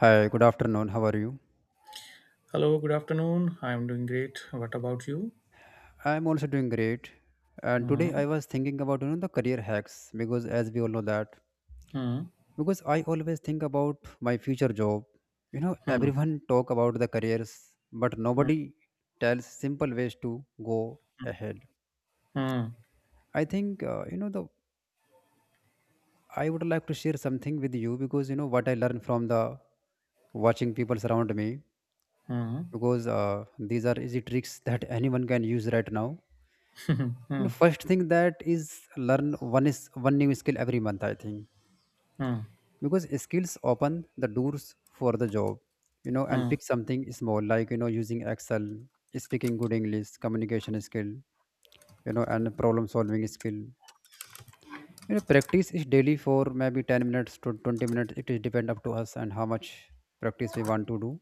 Hi, good afternoon. How are you? Hello, good afternoon. I am doing great. What about you? I'm also doing great. And Hmm. today I was thinking about the career hacks, because as we all know that, Hmm. because I always think about my future job. You know, Hmm. everyone talk about the careers, but Hmm. nobody tells simple ways to go ahead. Hmm. I think you know the I would like to share something with you, because you know what I learned from the watching people around me, Hmm. because these are easy tricks that anyone can use right now. You know, Hmm. first thing that is, learn one new skill every month, I think, Hmm. because skills open the doors for the job. You know, and Hmm. pick something small, like using Excel, speaking good English communication skill, and problem solving skill. Practice is daily for maybe 10 minutes to 20 minutes. It is depend up to us, and how much practice we want to do.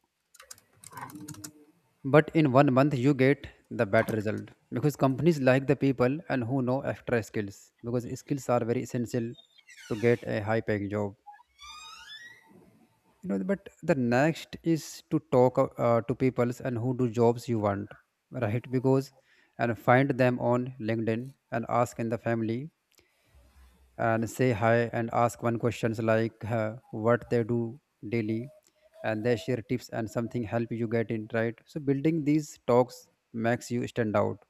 But in 1 month you get the better result, because companies like the people and who know extra skills, because skills are very essential to get a high paying job. You know, but the next is to talk to peoples and who do jobs you want, right? Because and find them on LinkedIn and ask in the family and say hi and ask one questions, like what they do daily. And they share tips and something help you get in, right? So building these talks makes you stand out.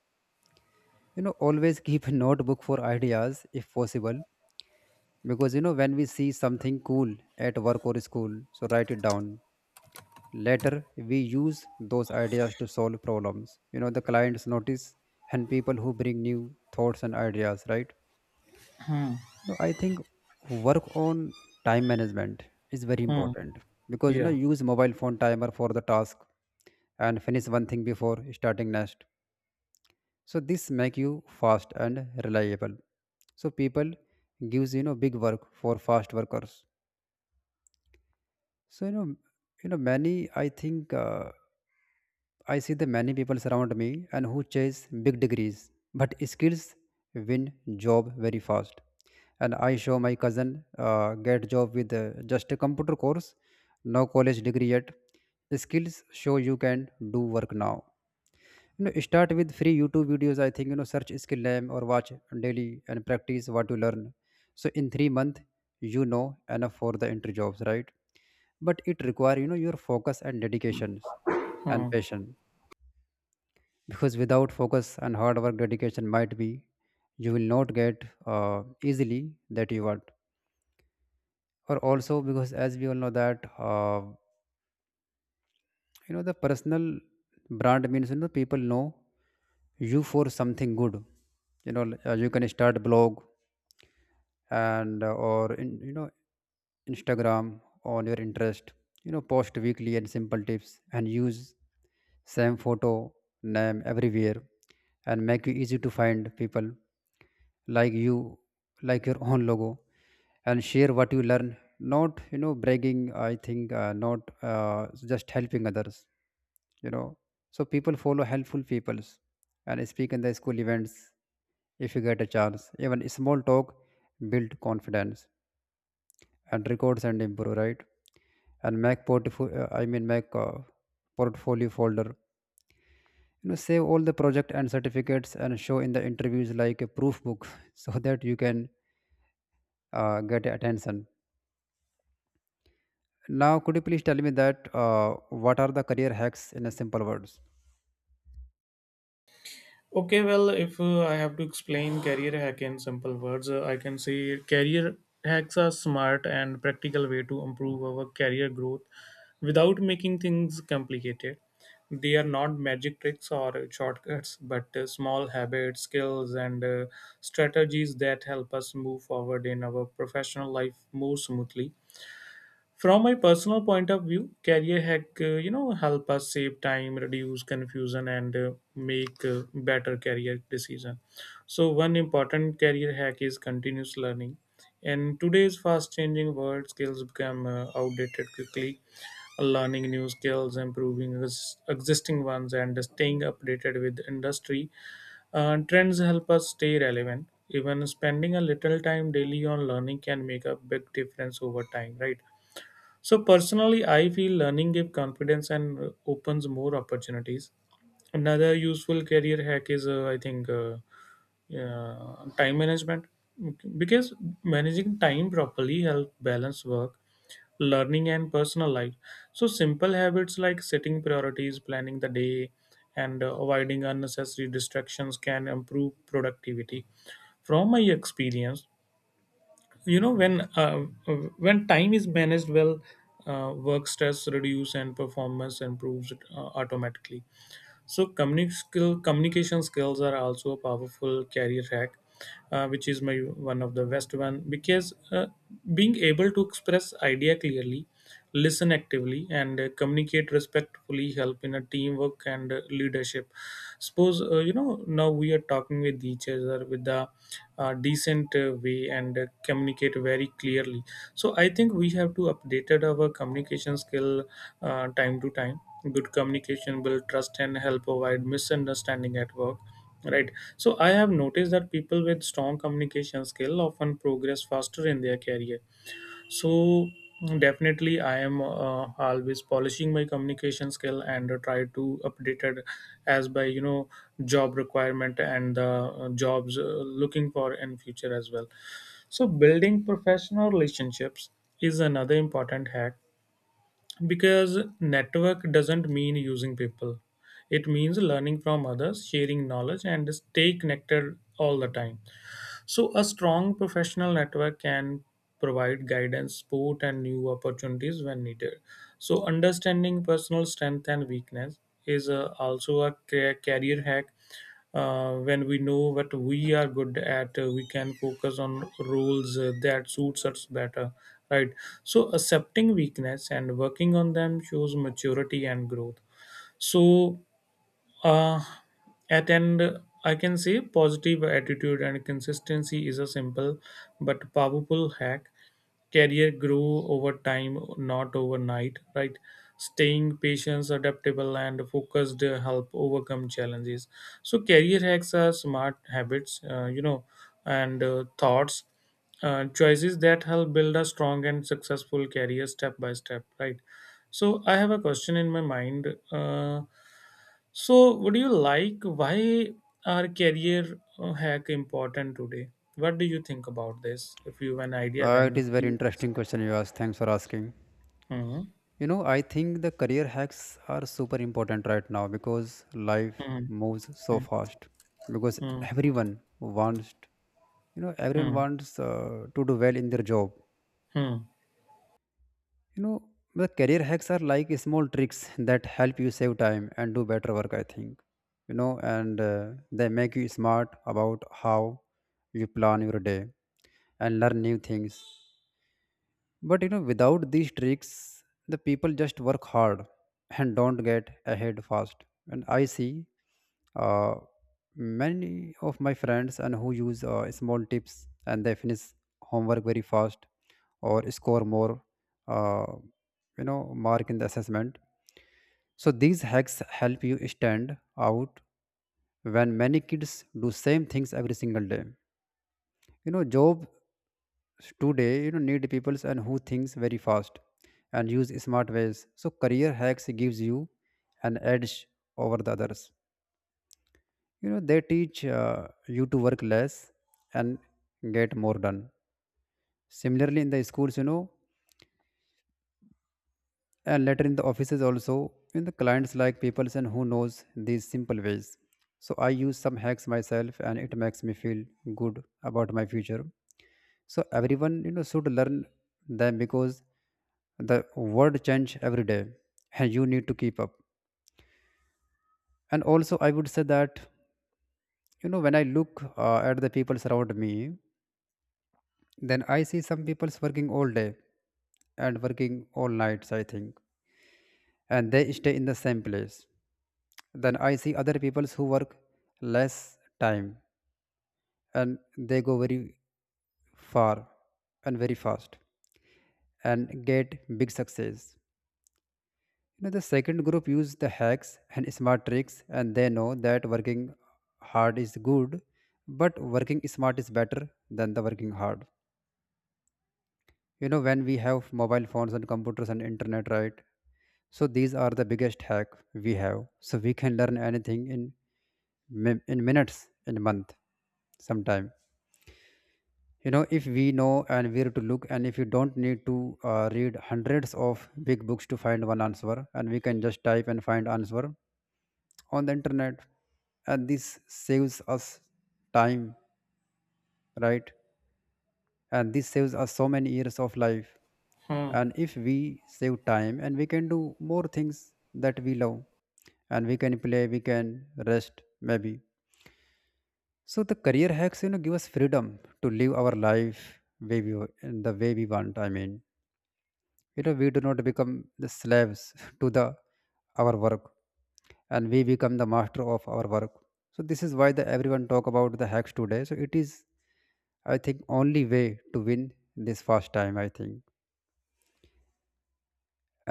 You know, always keep a notebook for ideas if possible, because you know when we see something cool at work or school, so write it down. Later we use those ideas to solve problems. You know, the clients notice, and people who bring new thoughts and ideas, right? Hmm. I think work on time management is very Hmm. important. Because you know Yeah. use mobile phone timer for the task, and finish one thing before starting next. So this make you fast and reliable. So people gives big work for fast workers. So many, I think, I see the many people around me and who chase big degrees, but skills win job very fast. And I show my cousin get job with just a computer course, no college degree yet. The skills show you can do work now. You know, start with free YouTube videos. I think search skill name or watch daily and practice what you learn. So in 3 months, you know enough for the entry jobs, right? But it require your focus and dedications and Hmm. passion, because without focus and hard work, dedication might be, you will not get easily that you want. Or also because as we all know that. You know, the personal brand means, you know, people know you for something good. You know, like, you can start blog and or in you know Instagram on your interest. You know, post weekly and simple tips and use same photo name everywhere, and make it easy to find people like you, like your own logo. And share what you learn, not bragging, I think, not just helping others. You know, so people follow helpful peoples and speak in the school events if you get a chance. Even small talk build confidence and records and improve, right? And make portfolio, I mean, make portfolio folder. You know, save all the project and certificates and show in the interviews like a proof book so that you can get attention. Now, could you please tell me that what are the career hacks in a simple words? Okay, well, if I have to explain career hack in simple words, I can say career hacks are smart and practical way to improve our career growth without making things complicated. They are not magic tricks or shortcuts, but small habits, skills, and strategies that help us move forward in our professional life more smoothly. From my personal point of view, career hack you know help us save time, reduce confusion, and make better career decision. So one important career hack is continuous learning. In today's fast-changing world, skills become outdated quickly. Learning new skills, improving existing ones, and staying updated with industry trends help us stay relevant. Even spending a little time daily on learning can make a big difference over time, right? So personally, I feel learning gives confidence and opens more opportunities. Another useful career hack is, time management because managing time properly helps balance work, learning, and personal life. So simple habits like setting priorities, planning the day, and avoiding unnecessary distractions can improve productivity. From my experience, you know when uh, uh, when time is managed well, work stress reduce and performance improves automatically. So communication skills are also a powerful career hack, which is my one of the best one because being able to express idea clearly, listen actively, and communicate respectfully help in a teamwork and leadership. Suppose you know now we are talking with each other with a decent way and communicate very clearly. So I think we have to updated our communication skill time to time. Good communication build trust and help avoid misunderstanding at work, right? So I have noticed that people with strong communication skill often progress faster in their career. So definitely I am always polishing my communication skill and try to update it as by you know job requirement and the jobs looking for in future as well. So building professional relationships is another important hack because network doesn't mean using people. It means learning from others, sharing knowledge, and stay connected all the time. So a strong professional network can provide guidance, support, and new opportunities when needed. So understanding personal strength and weakness is also a career hack. When we know what we are good at, we can focus on roles that suits us better, right? So accepting weakness and working on them shows maturity and growth. So, uh, at end, I can say positive attitude and consistency is a simple but powerful hack. Career grow over time, not overnight, right? Staying patient, adaptable, and focused help overcome challenges. So career hacks are smart habits, you know, and thoughts, choices that help build a strong and successful career step by step, right? So I have a question in my mind. So would you like, why are career hack important today? What do you think about this? If you have an idea, It then is very please interesting describe. question you asked. Thanks for asking. Hmm. You know, I think the career hacks are super important right now because life Hmm. moves so fast. Because Hmm. everyone wants, you know, everyone Hmm. wants to do well in their job. Hmm. You know, the career hacks are like small tricks that help you save time and do better work, I think. You know, and they make you smart about how you plan your day and learn new things. But you know, without these tricks, the people just work hard and don't get ahead fast. And I see uh, many of my friends and who use small tips, and they finish homework very fast or score more, uh, mark in the assessment. So these hacks help you stand out when many kids do same things every single day. You know, job today you know need peoples and who thinks very fast and use smart ways. So career hacks gives you an edge over the others. You know, they teach you to work less and get more done. Similarly in the schools, you know, and later in the offices also, in the clients, like peoples and who knows these simple ways. So I use some hacks myself, and it makes me feel good about my future. So everyone, you know, should learn them, because the world change every day, and you need to keep up. And also I would say that, you know, when I look at the people around me, then I see some people's working all day, and working all nights, I think, and they stay in the same place. Then I see other peoples who work less time, and they go very far and very fast and get big success. You know, the second group use the hacks and smart tricks, and they know that working hard is good, but working smart is better than the working hard. You know, when we have mobile phones and computers and internet, right? So these are the biggest hack we have. So we can learn anything in minutes, in a month, sometime. You know, if we know and where to look, and if you don't need to read hundreds of big books to find one answer, and we can just type and find answer on the internet. And this saves us time, right? And this saves us so many years of life. Hmm. Hmm. And if we save time, and we can do more things that we love, and we can play, we can rest maybe. So the career hacks, you know, give us freedom to live our life way we, in the way we want, I mean. You know, we do not become the slaves to the our work, and we become the master of our work. So this is why the everyone talk about the hacks today. So it is, I think, only way to win this first time, I think.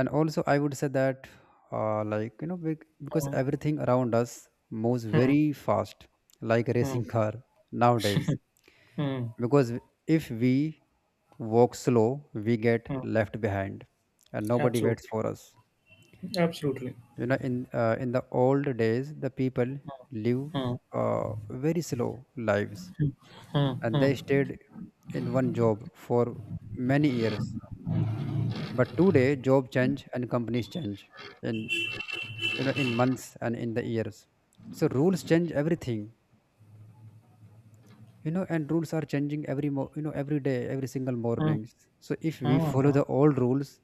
And also I would say that like you know because Hmm. everything around us moves Hmm. very fast, like a Hmm. racing car nowadays. Hmm. Because if we walk slow, we get Hmm. left behind, and nobody waits Absolutely. for us. Absolutely. You know, in the old days the people live Hmm. Hmm. uh, very slow lives, Hmm. Hmm. and they Hmm. stayed in one job for many years. But today job change and companies change in, you know, in months and in the years. So rules change everything. You know, and rules are changing every you know every day, every single Hmm. mornings. So if we follow Hmm. the old rules,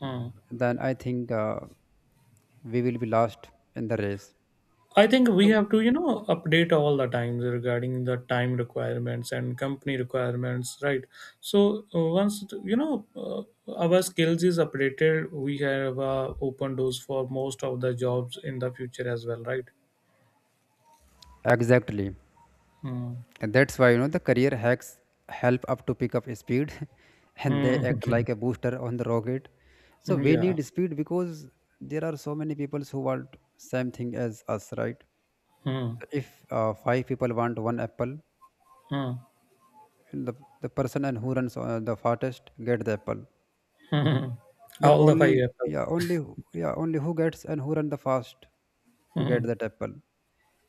Hmm. then I think we will be lost in the race. I think we So have to, you know, update all the times regarding the time requirements and company requirements, right? So once you know, our skills is updated, we have open doors for most of the jobs in the future as well, right? exactly. Hmm. And that's why you know the career hacks help up to pick up speed and they Hmm. act like a booster on the rocket. So we Yeah. need speed because there are so many people who want same thing as us, right? Hmm. So if five people want one apple, Hmm. the, the person and who runs the fastest get the apple. Hmm. But All the five only, apples. yeah, only yeah, only who gets and who run the fast to Hmm. get that apple,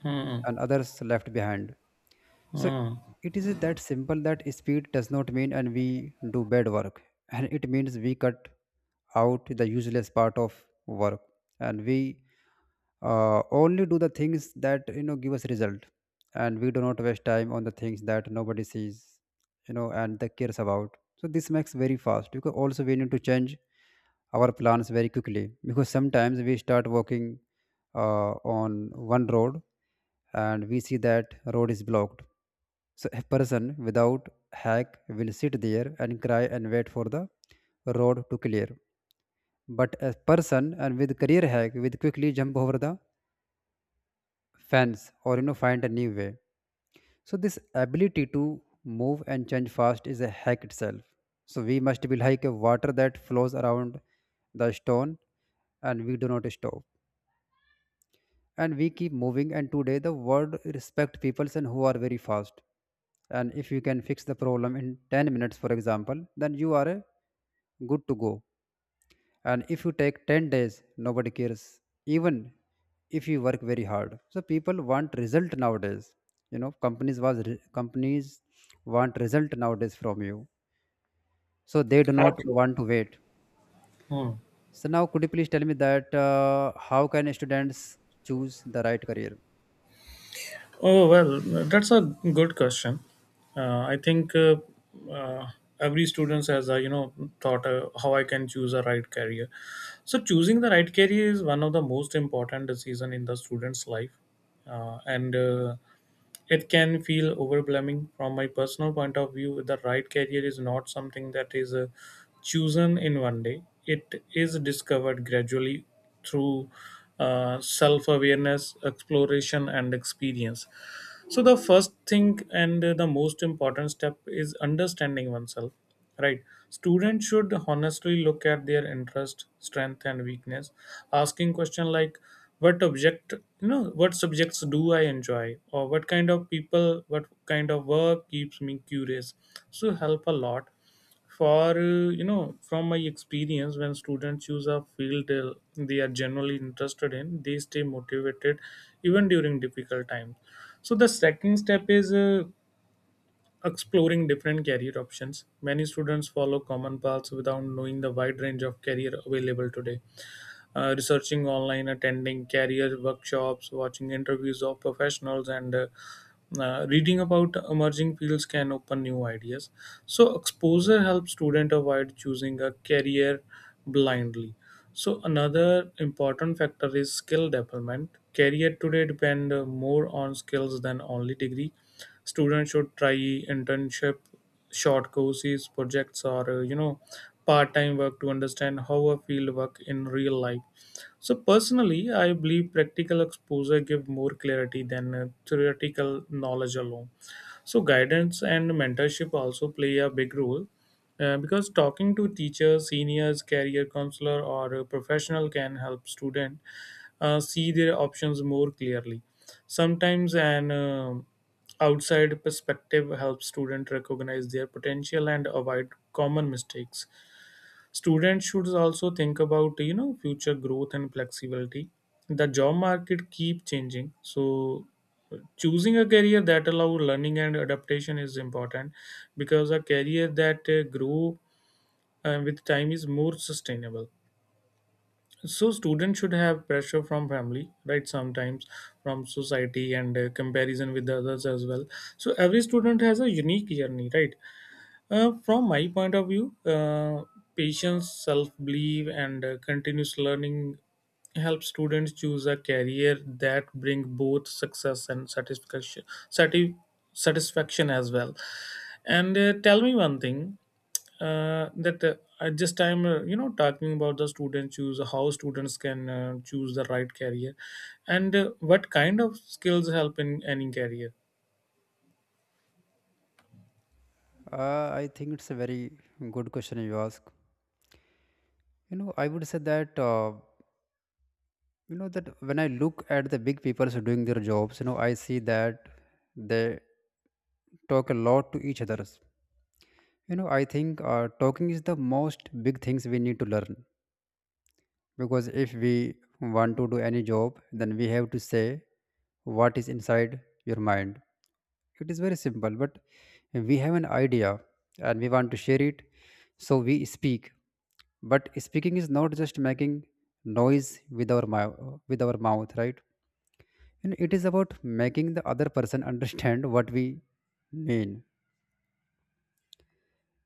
Hmm. and others left behind. So Hmm. it is that simple, that speed does not mean and we do bad work, and it means we cut out the useless part of work, and we only do the things that you know give us result, and we do not waste time on the things that nobody sees, you know, and that cares about. So this makes very fast, because also we need to change our plans very quickly, because sometimes we start working uh, on one road, and we see that road is blocked. So a person without hack will sit there and cry and wait for the road to clear. But a person and with career hack will quickly jump over the fence, or you know find a new way. So this ability to move and change fast is a hack itself. So we must be like a water that flows around the stone, and we do not stop. And we keep moving, and today the world respect people and who are very fast. And if you can fix the problem in 10 minutes, for example, then you are good to go, and if you take 10 days nobody cares, even if you work very hard. So people want result nowadays. You know, companies want result nowadays from you, so they do not Absolutely. want to wait. Hmm. So now, could you please tell me that how can students choose the right career? Oh, well, that's a good question. I think uh, every student has, you know, thought how I can choose a right career. So choosing the right career is one of the most important decision in the student's life. And It can feel overwhelming. From my personal point of view, the right career is not something that is chosen in one day. It is discovered gradually through self awareness, exploration, and experience. So the first thing and the most important step is understanding oneself, right? Students should honestly look at their interest, strength, and weakness, asking question like, "What object, you know, what subjects do I enjoy, or what kind of people, what kind of work keeps me curious?" So help a lot for you know, from my experience, when students choose a field they are generally interested in, they stay motivated even during difficult times. So the second step is exploring different career options. Many students follow common paths without knowing the wide range of career available today. Researching online, attending career workshops, watching interviews of professionals, and reading about emerging fields can open new ideas. So exposure helps student avoid choosing a career blindly. So another important factor is skill development. Career today depend more on skills than only degree. Students should try internship, short courses, projects, or you know, part-time work to understand how a field work in real life. So personally, I believe practical exposure give more clarity than theoretical knowledge alone. So guidance and mentorship also play a big role because talking to teachers, seniors, career counselor, or a professional can help student see their options more clearly. Sometimes an outside perspective helps student recognize their potential and avoid common mistakes. Students should also think about you know future growth and flexibility. The job market keep changing, so choosing a career that allow learning and adaptation is important because a career that grow with time is more sustainable. So students should have pressure from family, right? Sometimes from society and comparison with the others as well. So every student has a unique journey, right? From my point of view, patience, self belief, and continuous learning help students choose a career that bring both success and satisfaction, sati- satisfaction as well. And tell me one thing that at this time, you know, talking about the student choose how students can choose the right career, and what kind of skills help in any career. I think it's a very good question you ask. You know, I would say that you know that when I look at the big people doing their jobs, you know, I see that they talk a lot to each others. You know, I think talking is the most big things we need to learn, because if we want to do any job, then we have to say what is inside your mind. It is very simple, but we have an idea and we want to share it, so we speak. But speaking is not just making noise with our mouth, with our mouth, right, and it is about making the other person understand what we mean.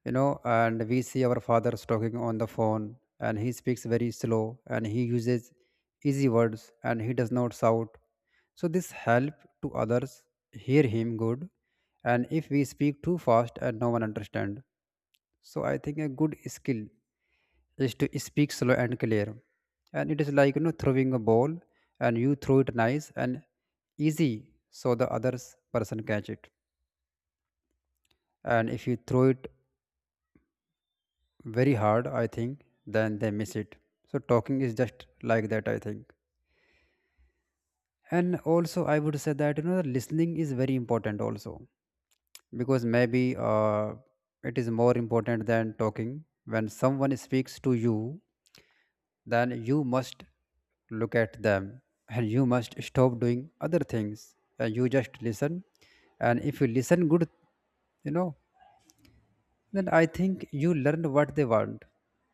You know, and we see our fathers talking on the phone, and he speaks very slow and he uses easy words and he does not shout, so this help to others hear him good. And if we speak too fast and no one understand, so I think a good skill is to speak slow and clear. And it is like, you know, throwing a ball, and you throw it nice and easy, so the others person catch it. And if you throw it very hard, I think, then they miss it. So talking is just like that, I think. And also, I would say that, you know, the listening is very important also, because maybe it is more important than talking. When someone speaks to you, then you must look at them, and you must stop doing other things, and you just listen. And if you listen good, you know, then I think you learn what they want.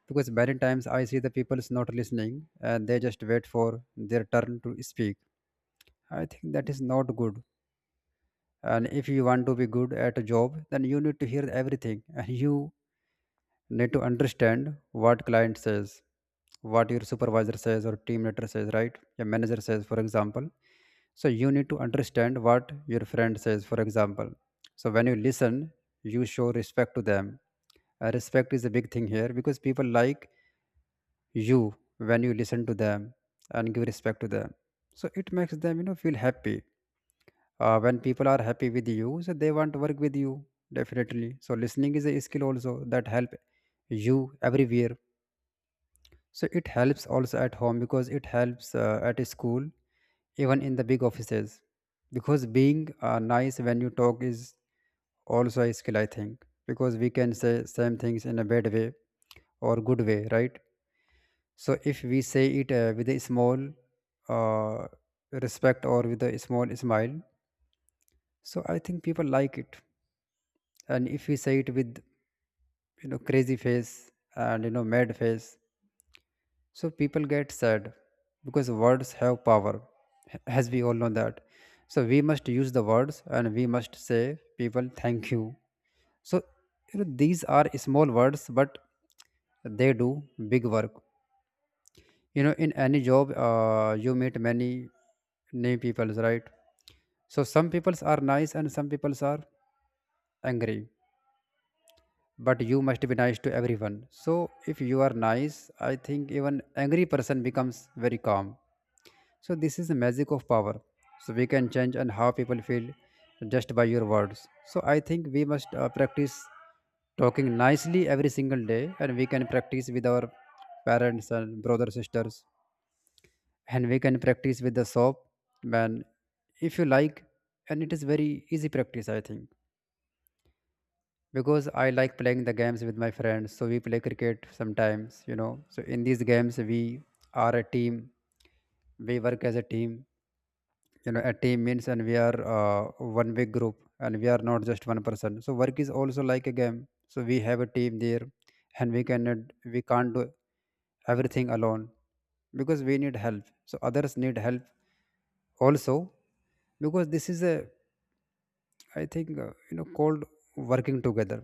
Because many times I see the people is not listening, and they just wait for their turn to speak. I think that is not good. And if you want to be good at a job, then you need to hear everything, and you need to understand what client says, what your supervisor says or team leader says, right? Your manager says, for example. So you need to understand what your friend says, for example. So when you listen, you show respect to them. Respect is a big thing here, because people like you when you listen to them and give respect to them. So it makes them, you know, feel happy. When people are happy with you, so they want to work with you definitely. So listening is a skill also that help you everywhere. So it helps also at home, because it helps at school, even in the big offices. Because being nice when you talk is also a skill, I think. Because we can say same things in a bad way or good way, right? So if we say it with a small uh, respect, or with a small smile, so I think people like it. And if we say it with, you know, crazy face and, you know, mad face, so people get sad, because words have power, as we all know that. So we must use the words, and we must say people thank you. So, you know, these are small words, but they do big work. You know, in any job you meet many new peoples, right? So some peoples are nice and some peoples are angry, but you must be nice to everyone. So if you are nice, I think even angry person becomes very calm. So this is the magic of power. So we can change and how people feel just by your words. So I think we must practice talking nicely every single day, and we can practice with our parents and brothers sisters, and we can practice with the soap man, if you like. And it is very easy practice, I think. Because I like playing the games with my friends, so we play cricket sometimes, you know. So in these games we are a team. We work as a team. You know, a team means and we are one big group and we are not just one person. So work is also like a game, so we have a team there, and we can't do everything alone, because we need help, so others need help also. Because this is a, I think, you know, called working together.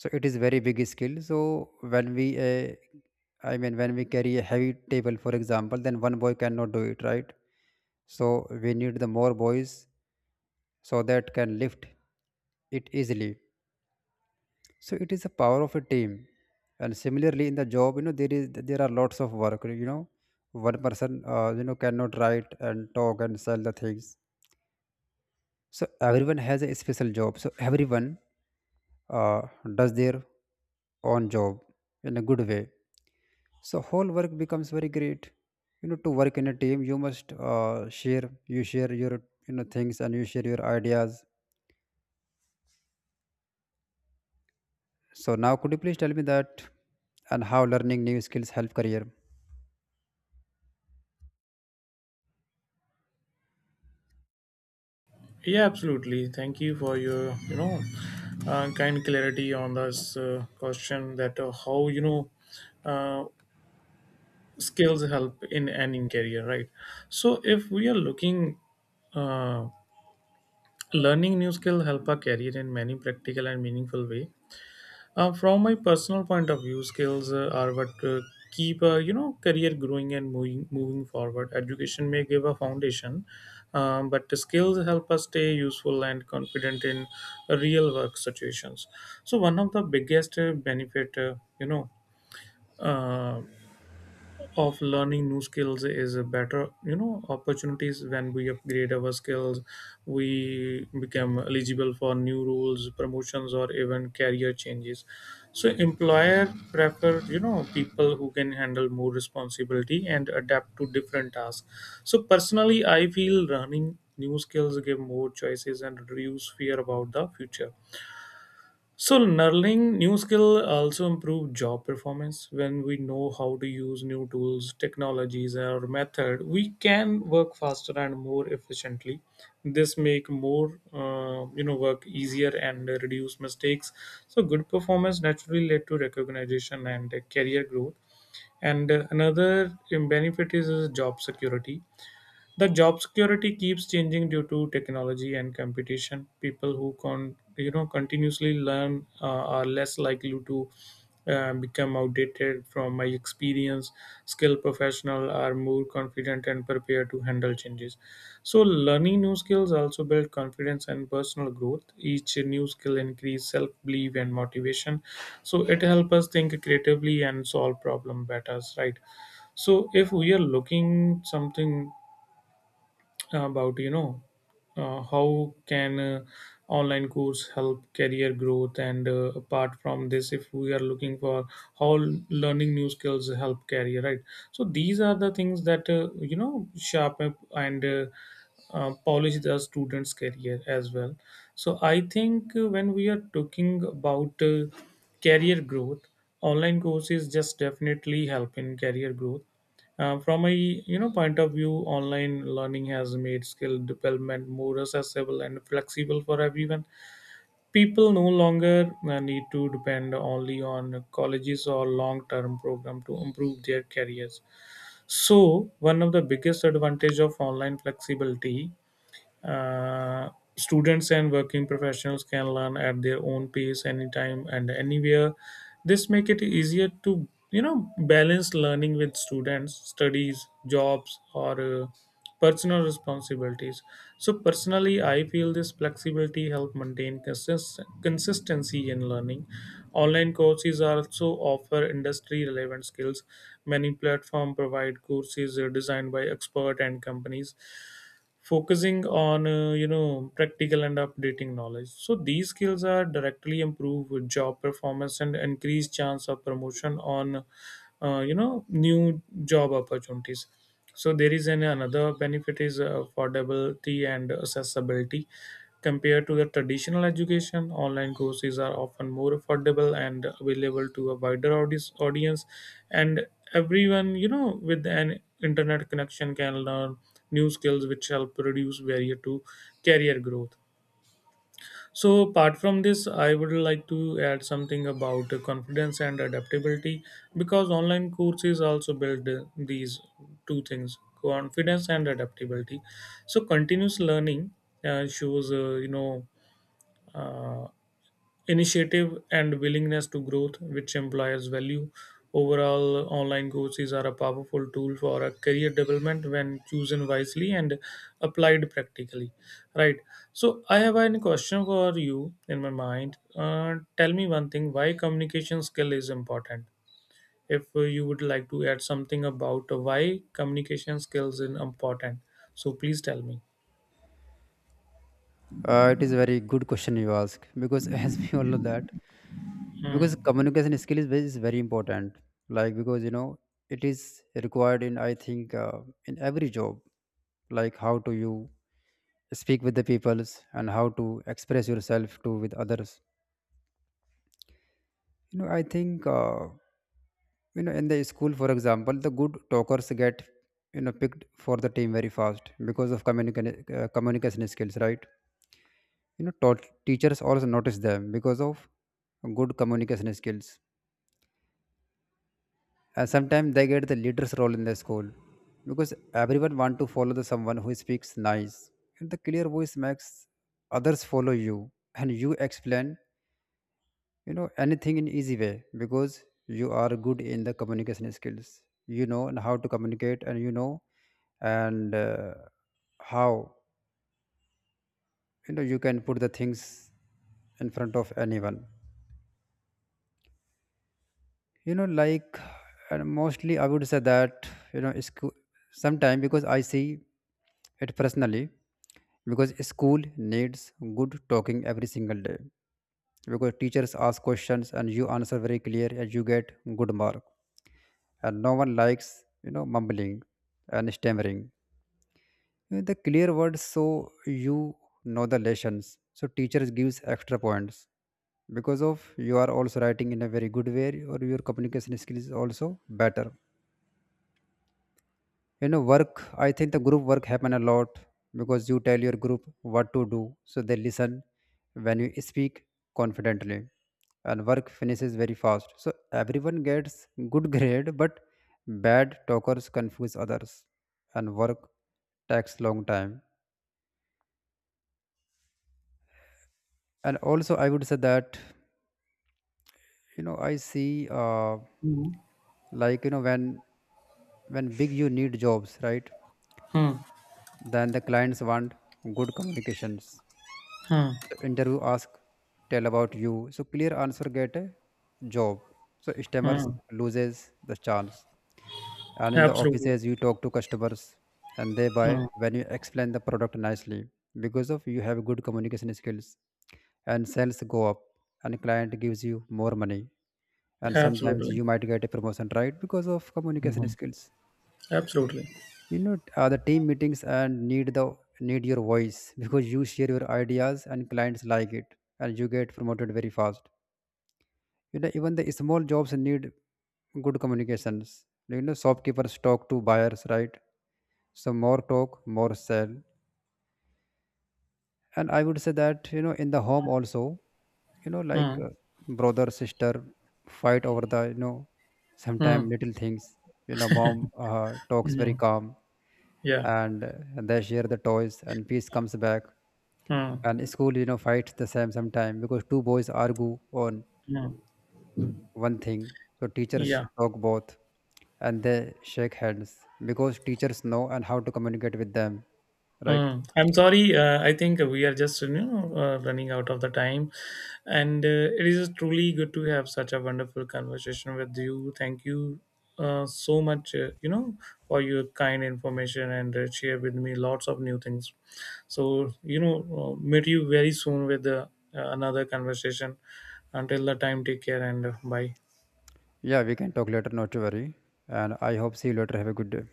So it is very big skill. So when we I mean, when we carry a heavy table, for example, then one boy cannot do it, right? So we need the more boys so that can lift it easily. So it is the power of a team. And similarly in the job, you know, there are lots of work, you know, one person you know cannot write and talk and sell the things. So everyone has a special job. So everyone uh, does their own job in a good way. So whole work becomes very great. You know, to work in a team, you must share. You share your, you know, things and you share your ideas. So now, could you please tell me that and how learning new skills help career? Yeah, absolutely. Thank you for your, you know, kind clarity on this question that how, you know, uh, skills help in any career, right? So if we are looking, uh, learning new skill help our career in many practical and meaningful way. From my personal point of view, skills are what keep you know career growing and moving forward. Education may give a foundation, but the skills help us stay useful and confident in real work situations. So one of the biggest benefit you know uh, of learning new skills is a better you know opportunities. When we upgrade our skills, we become eligible for new roles, promotions, or even career changes. So employer prefer you know people who can handle more responsibility and adapt to different tasks. So personally, I feel learning new skills give more choices and reduce fear about the future. So learning new skill also improve job performance. When we know how to use new tools, technologies or method, we can work faster and more efficiently. This make more you know work easier and reduce mistakes. So good performance naturally led to recognition and career growth. And another benefit is job security. The job security keeps changing due to technology and competition. People who con you know continuously learn are less likely to become outdated. From my experience, skilled professionals are more confident and prepared to handle changes. So learning new skills also build confidence and personal growth. Each new skill increase self belief and motivation. So it helps us think creatively and solve problem better. Right. So if we are looking something about you know how can online course help career growth, and apart from this, if we are looking for how learning new skills help career, right? So these are the things that you know sharpen and polish the student's career as well. So I think when we are talking about career growth, online courses just definitely help in career growth. From a you know point of view, online learning has made skill development more accessible and flexible for everyone. People no longer need to depend only on colleges or long-term program to improve their careers. So one of the biggest advantage of online flexibility, uh, students and working professionals can learn at their own pace, anytime and anywhere. This make it easier to you know balance learning with students, studies, jobs, or personal responsibilities. So personally, I feel this flexibility help maintain consistency in learning. Online courses also offer industry-relevant skills. Many platforms provide courses designed by expert and companies, focusing on you know practical and updating knowledge. So these skills are directly improve job performance and increase chance of promotion on you know new job opportunities. So there is an another benefit is affordability and accessibility. Compared to the traditional education, online courses are often more affordable and available to a wider audience, and everyone, you know, with an internet connection can learn new skills, which help reduce barrier to career growth. So, apart from this, I would like to add something about confidence and adaptability because online courses also build these two things, confidence and adaptability. So continuous learning shows, you know, uh, initiative and willingness to growth, which employers value. Overall, online courses are a powerful tool for a career development when chosen wisely and applied practically. Right. So I have a question for you in my mind. Tell me one thing: why communication skill is important? If you would like to add something about why communication skills is important, so please tell me. It is a very good question you ask because as we all know that because Hmm. communication skill is, is very important, like, because you know it is required in, I think, in every job. Like how to you speak with the peoples, and how to express yourself to with others. You know I think you know in the school, for example, the good talkers get, you know, picked for the team very fast because of communication communication skills, right? You know, teachers also notice them because of good communication skills. Sometimes they get the leader's role in the school, because everyone want to follow the someone who speaks nice, and the clear voice makes others follow you. And you explain, you know, anything in easy way, because you are good in the communication skills, you know, and how to communicate, and you know, and how, you know, you can put the things in front of anyone, you know, like. And mostly I would say that, you know, school sometime, because I see it personally, because school needs good talking every single day, because teachers ask questions and you answer very clear and you get good mark. And no one likes, you know, mumbling and stammering. You know, the clear words, so you know the lessons, so teachers gives extra points because of you are also writing in a very good way, or your communication skills is also better. You know, work, I think the group work happen a lot, because you tell your group what to do, so they listen when you speak confidently, and work finishes very fast, so everyone gets good grade. But bad talkers confuse others, and work takes long time. And also I would say that, you know, I see Hmm. like, you know, when big you need jobs, right? Hmm. Then the clients want good communications. Hmm. So interview ask, tell about you. So clear answer get a job. So stammers Hmm. loses the chance. And in the Absolutely. offices you talk to customers, and they buy when you explain the product nicely, because of you have good communication skills, and sales go up, and client gives you more money, and sometimes Absolutely. you might get a promotion, right, because of communication Mhm. skills. Absolutely. You know, the team meetings and need your voice, because you share your ideas and clients like it, and you get promoted very fast. You know, even the small jobs need good communications. You know, shopkeepers talk to buyers, right? So more talk, more sell. And I would say that, you know, in the home also, you know, like, Mm. Brother sister fight over the, you know, sometime Mm. little things. You know, mom talks very Mhm. calm Yeah. and they share the toys and peace comes back. Mm. And school, you know, fights the same sometime, because two boys argue on Mm. one thing, so teachers Yeah. talk both, and they shake hands, because teachers know and how to communicate with them, right? Mm. I'm sorry. I think we are just you know running out of the time, and it is truly good to have such a wonderful conversation with you. Thank you so much. You know, for your kind information and share with me lots of new things. So you know meet you very soon with another conversation. Until the time, take care and bye. Yeah, we can talk later, not to worry. And I hope see you later. Have a good day.